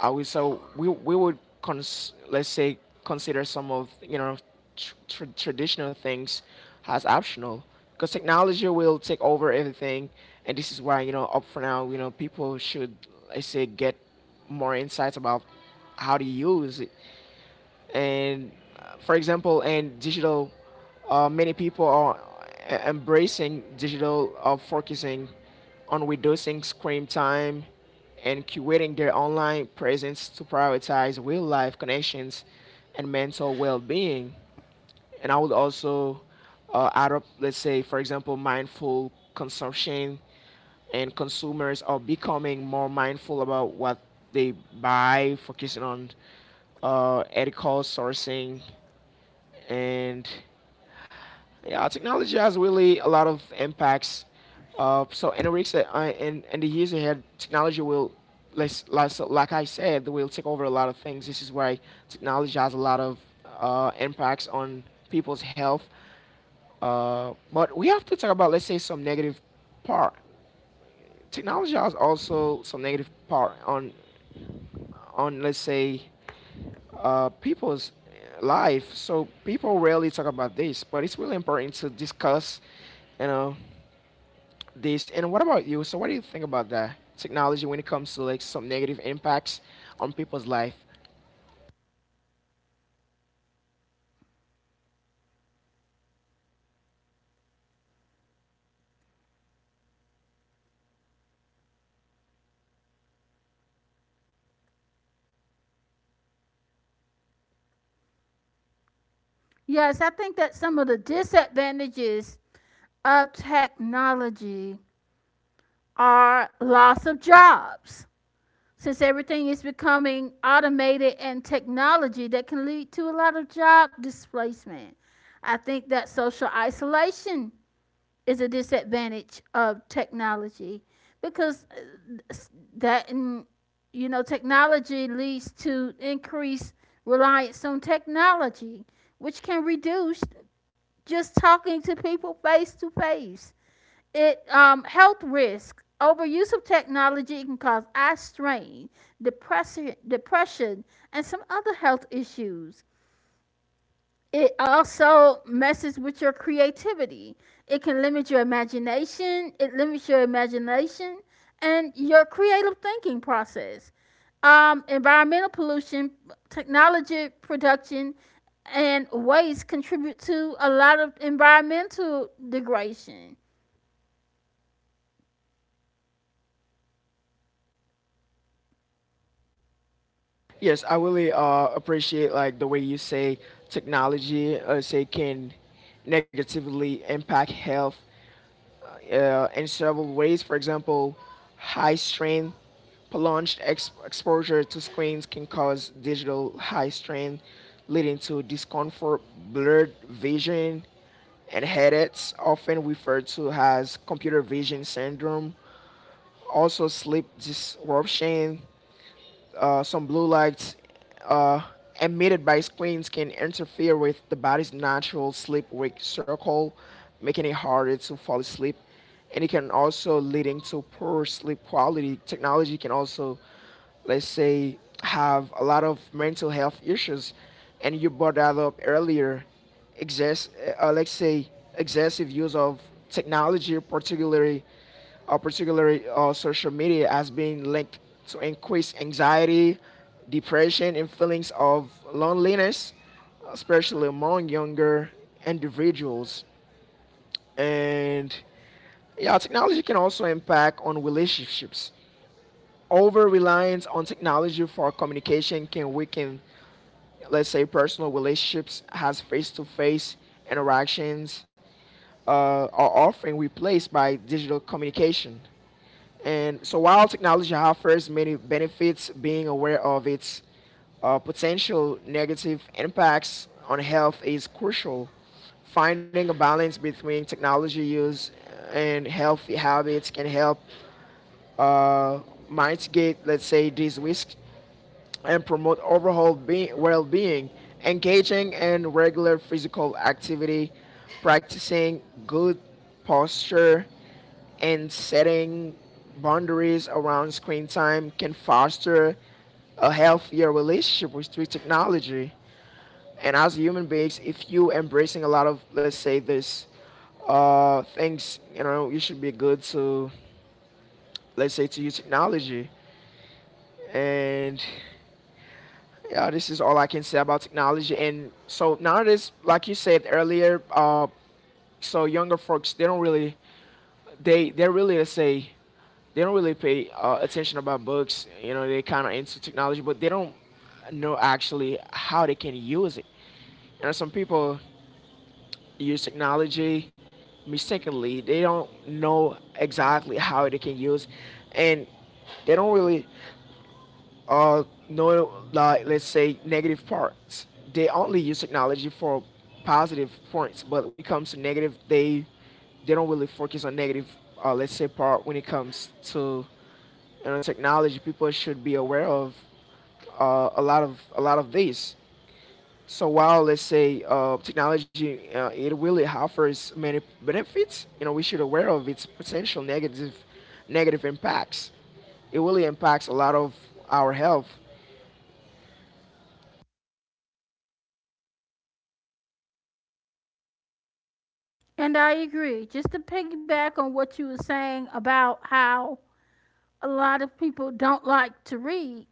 Speaker 1: I would so we would let's say consider some of, you know, traditional things as optional because technology will take over everything, and this is why, you know, up for now, you know, people should I say get more insights about how to use it, and, for example, in digital, many people are embracing digital, focusing on reducing screen time and curating their online presence to prioritize real life connections and mental well-being. And I would also add up, let's say, for example, mindful consumption, and consumers are becoming more mindful about what they buy, focusing on ethical sourcing, and yeah, technology has really a lot of impacts. So in the weeks that I, in the years ahead, technology will, less, less, like I said, will take over a lot of things. This is why technology has a lot of impacts on people's health. But we have to talk about, let's say, some negative part. Technology has also some negative part on let's say people's life. So people rarely talk about this, but it's really important to discuss, you know, this. And what about you? So what do you think about that technology when it comes to like some negative impacts on people's life?
Speaker 2: Yes, I think that some of the disadvantages of technology are loss of jobs, since everything is becoming automated, and technology that can lead to a lot of job displacement. I think that social isolation is a disadvantage of technology, because uh, that mm, you know, technology leads to increased reliance on technology, which can reduce just talking to people face to face. It Health risk: overuse of technology can cause eye strain, depression, and some other health issues. It also messes with your creativity. It limits your imagination and your creative thinking process. Environmental pollution: technology production and waste contribute to a lot of environmental degradation.
Speaker 1: Yes, I really appreciate like the way you say technology, say can negatively impact health in several ways. For example, high strain, prolonged exposure to screens can cause digital high strain, leading to discomfort, blurred vision, and headaches, often referred to as computer vision syndrome. Also, sleep disruption, some blue lights uh, emitted by screens can interfere with the body's natural sleep wake cycle, making it harder to fall asleep. And it can also leading to poor sleep quality. Technology can also, let's say, have a lot of mental health issues. And you brought that up earlier, excess, let's say, excessive use of technology, particularly, social media, as being linked to increased anxiety, depression, and feelings of loneliness, especially among younger individuals. And yeah, technology can also impact on relationships. Over reliance on technology for communication can weaken, let's say, personal relationships, has face to face interactions, uh, are often replaced by digital communication. And so while technology offers many benefits, being aware of its potential negative impacts on health is crucial. Finding a balance between technology use and healthy habits can help uh, mitigate, let's say, these risks and promote overall well being, engaging in regular physical activity, practicing good posture, and setting boundaries around screen time can foster a healthier relationship with technology. And as human beings, if you embracing a lot of, let's say, this things, you know, you should be good to, let's say, to use technology. And yeah, this is all I can say about technology. And so nowadays, like you said earlier, so younger folks, they really let's say they don't really pay attention about books. You know, they kind of into technology, but they don't know actually how they can use it. You know, some people use technology mistakenly. They don't know exactly how they can use, and they don't really uh no like let's say negative parts. They only use technology for positive points, but when it comes to negative, they don't really focus on negative let's say part. When it comes to, you know, technology, people should be aware of a lot of these. So while let's say technology, it really offers many benefits, you know, we should aware of its potential negative impacts. It really impacts a lot of our health.
Speaker 2: And I agree. Just to piggyback on what you were saying about how a lot of people don't like to read,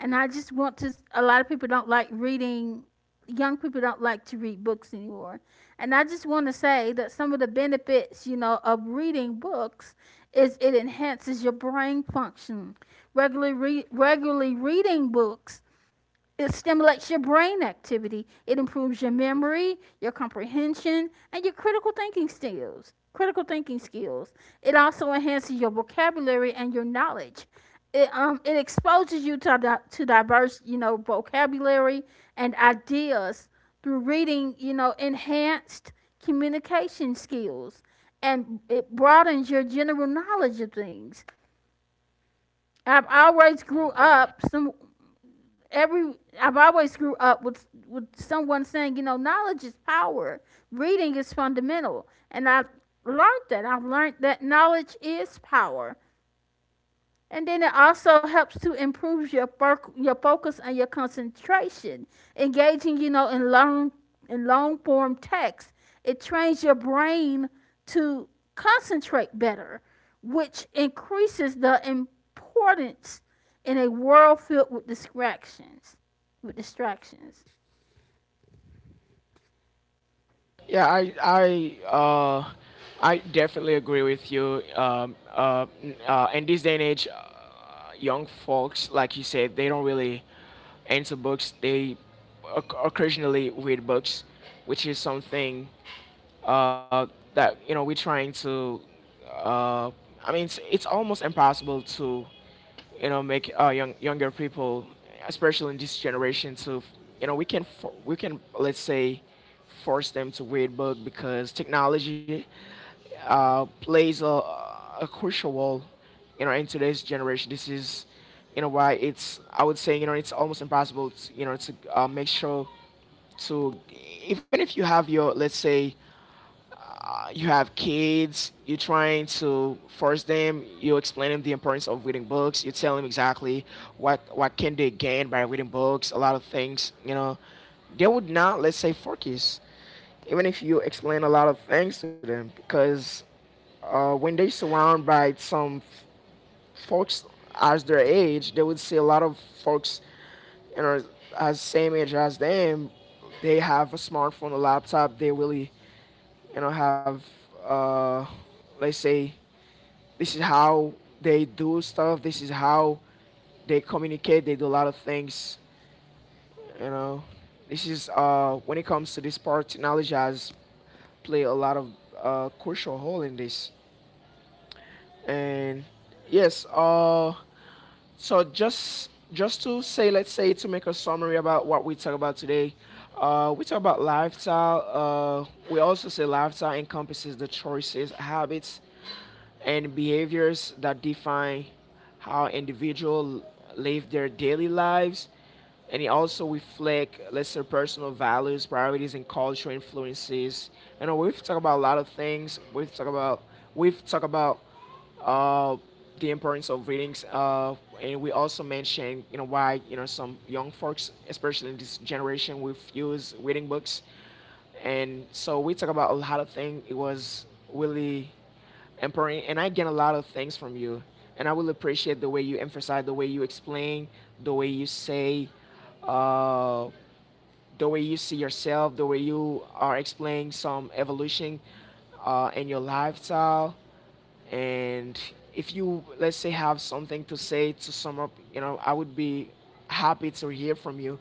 Speaker 2: and I just want to, a lot of people don't like reading, young people don't like to read books anymore. And I just want to say that some of the benefits, you know, of reading books is it enhances your brain function. Regularly reading books, it stimulates your brain activity. It improves your memory, your comprehension, and your critical thinking skills. It also enhances your vocabulary and your knowledge. It it exposes you to to diverse, you know, vocabulary and ideas. Through reading, you know, enhanced communication skills, and it broadens your general knowledge of things. I've always grew up some every I've always grew up with someone saying, you know, knowledge is power. Reading is fundamental, and I learned that. I've learned that knowledge is power. And then it also helps to improve your focus and your concentration. Engaging, you know, in long form text, it trains your brain to concentrate better, which increases the importance in a world filled with distractions. With distractions.
Speaker 1: Yeah, I definitely agree with you. In this day and age, young folks, like you said, they don't really answer books. They occasionally read books, which is something uh, that you know we're trying to. Uh, I mean, it's almost impossible to, you know, make younger people, especially in this generation, to you know we can let's say force them to read book, because technology plays a crucial role, you know, in today's generation. This is, you know, why it's I would say you know it's almost impossible, to, you know, to make sure to, even if you have your let's say you have kids, you're trying to force them, you explain them the importance of reading books, you tell them exactly what can they gain by reading books, a lot of things, you know, they would not, let's say, focus, even if you explain a lot of things to them, because when they surround by some folks as their age, they would see a lot of folks, you know, as same age as them, they have a smartphone, a laptop, they really you know have uh let's say, this is how they do stuff, this is how they communicate, they do a lot of things, you know, this is when it comes to this part, technology has played a lot of crucial role in this. And yes, so just to say let's say to make a summary about what we talk about today, we talk about lifestyle. We also say lifestyle encompasses the choices, habits, and behaviors that define how individuals live their daily lives, and it also reflect lesser personal values, priorities, and cultural influences. You know, we've talked about a lot of things we've talked about uh, the importance of readings, and we also mentioned, you know, why, you know, some young folks especially in this generation we use reading books. And so we talk about a lot of things, it was really empowering and I get a lot of things from you. And I will appreciate the way you emphasize, the way you explain, the way you say, uh, the way you see yourself, the way you are explaining some evolution in your lifestyle. And if you let's say have something to say to sum up, you know, I would be happy to hear from you.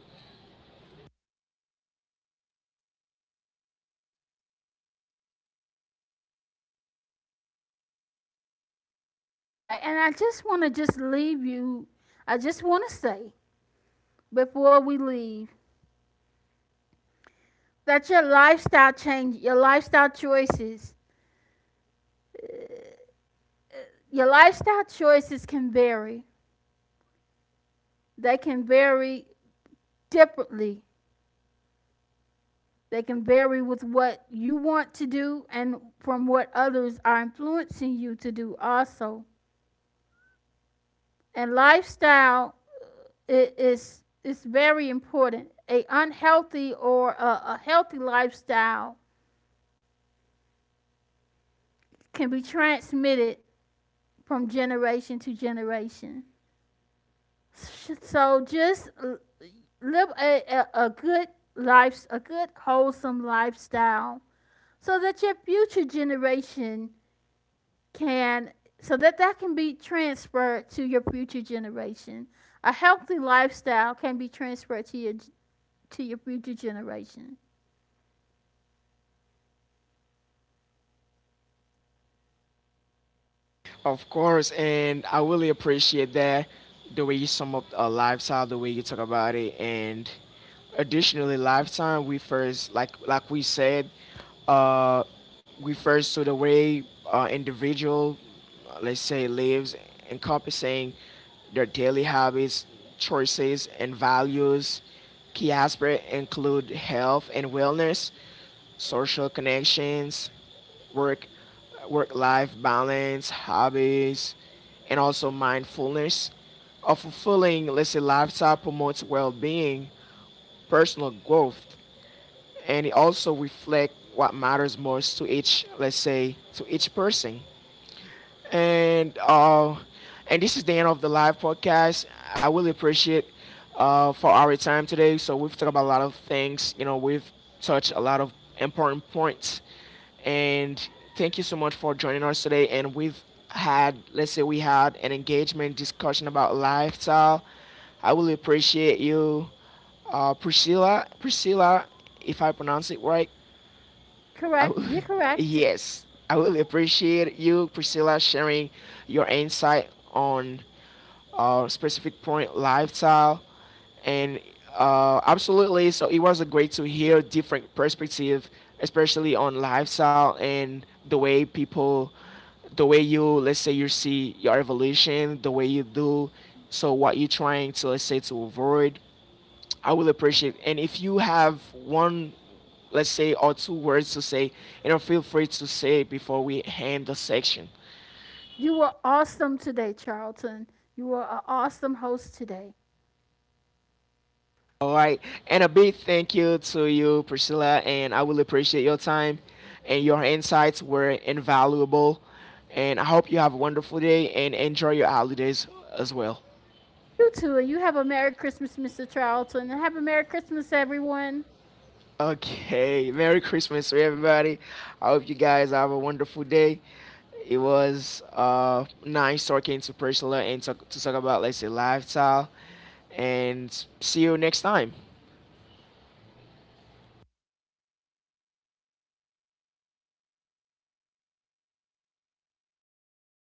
Speaker 2: All right, and I just want to just leave you. I just want to say, before we leave, that your lifestyle choices can vary. They can vary differently. They can vary with what you want to do, and from what others are influencing you to do also. And lifestyle is very important. A unhealthy or a healthy lifestyle can be transmitted from generation to generation. So just live a good life, a good wholesome lifestyle, so that your future generation can so that that can be transferred to your future generation. A healthy lifestyle can be transferred to your future generation.
Speaker 1: Of course, and I really appreciate that, the way you sum up lifestyle, the way you talk about it, and additionally, lifetime. We first, like we said, uh, we first saw the way individual, let's say, lives, encompassing their daily habits, choices, and values. Key aspects include health and wellness, social connections, work work life balance, hobbies, and also mindfulness. A fulfilling, let's say, lifestyle promotes well being, personal growth, and it also reflects what matters most to each, let's say, to each person. And and this is the end of the live podcast. I really appreciate for our time today. So we've talked about a lot of things. You know, we've touched a lot of important points, and thank you so much for joining us today. And we've had, let's say, we had an engagement discussion about lifestyle. I really appreciate you, Priscilla. Priscilla, if I pronounce it right. I
Speaker 2: Correct,
Speaker 1: will, *laughs*
Speaker 2: you're correct.
Speaker 1: yes, I will appreciate you, Priscilla, sharing your insight on specific point lifestyle. And absolutely. So it was great to hear different perspective, especially on lifestyle and the way people, the way you, let's say you see your evolution, the way you do, so what you're trying to let's say to avoid, I will appreciate. It. And if you have one, let's say, or two words to say, you know, feel free to say it before we end the section.
Speaker 2: You were awesome today, Charlton. You were an awesome host today.
Speaker 1: All right. And a big thank you to you, Priscilla, and I will appreciate your time, and your insights were invaluable. And I hope you have a wonderful day and enjoy your holidays as well.
Speaker 2: You too, and you have a Merry Christmas, Mr. Charlton, and have a Merry Christmas everyone.
Speaker 1: Okay, Merry Christmas to everybody. I hope you guys have a wonderful day. It was nice talking to Priscilla and to talk about, let's say, lifestyle. And see you next time.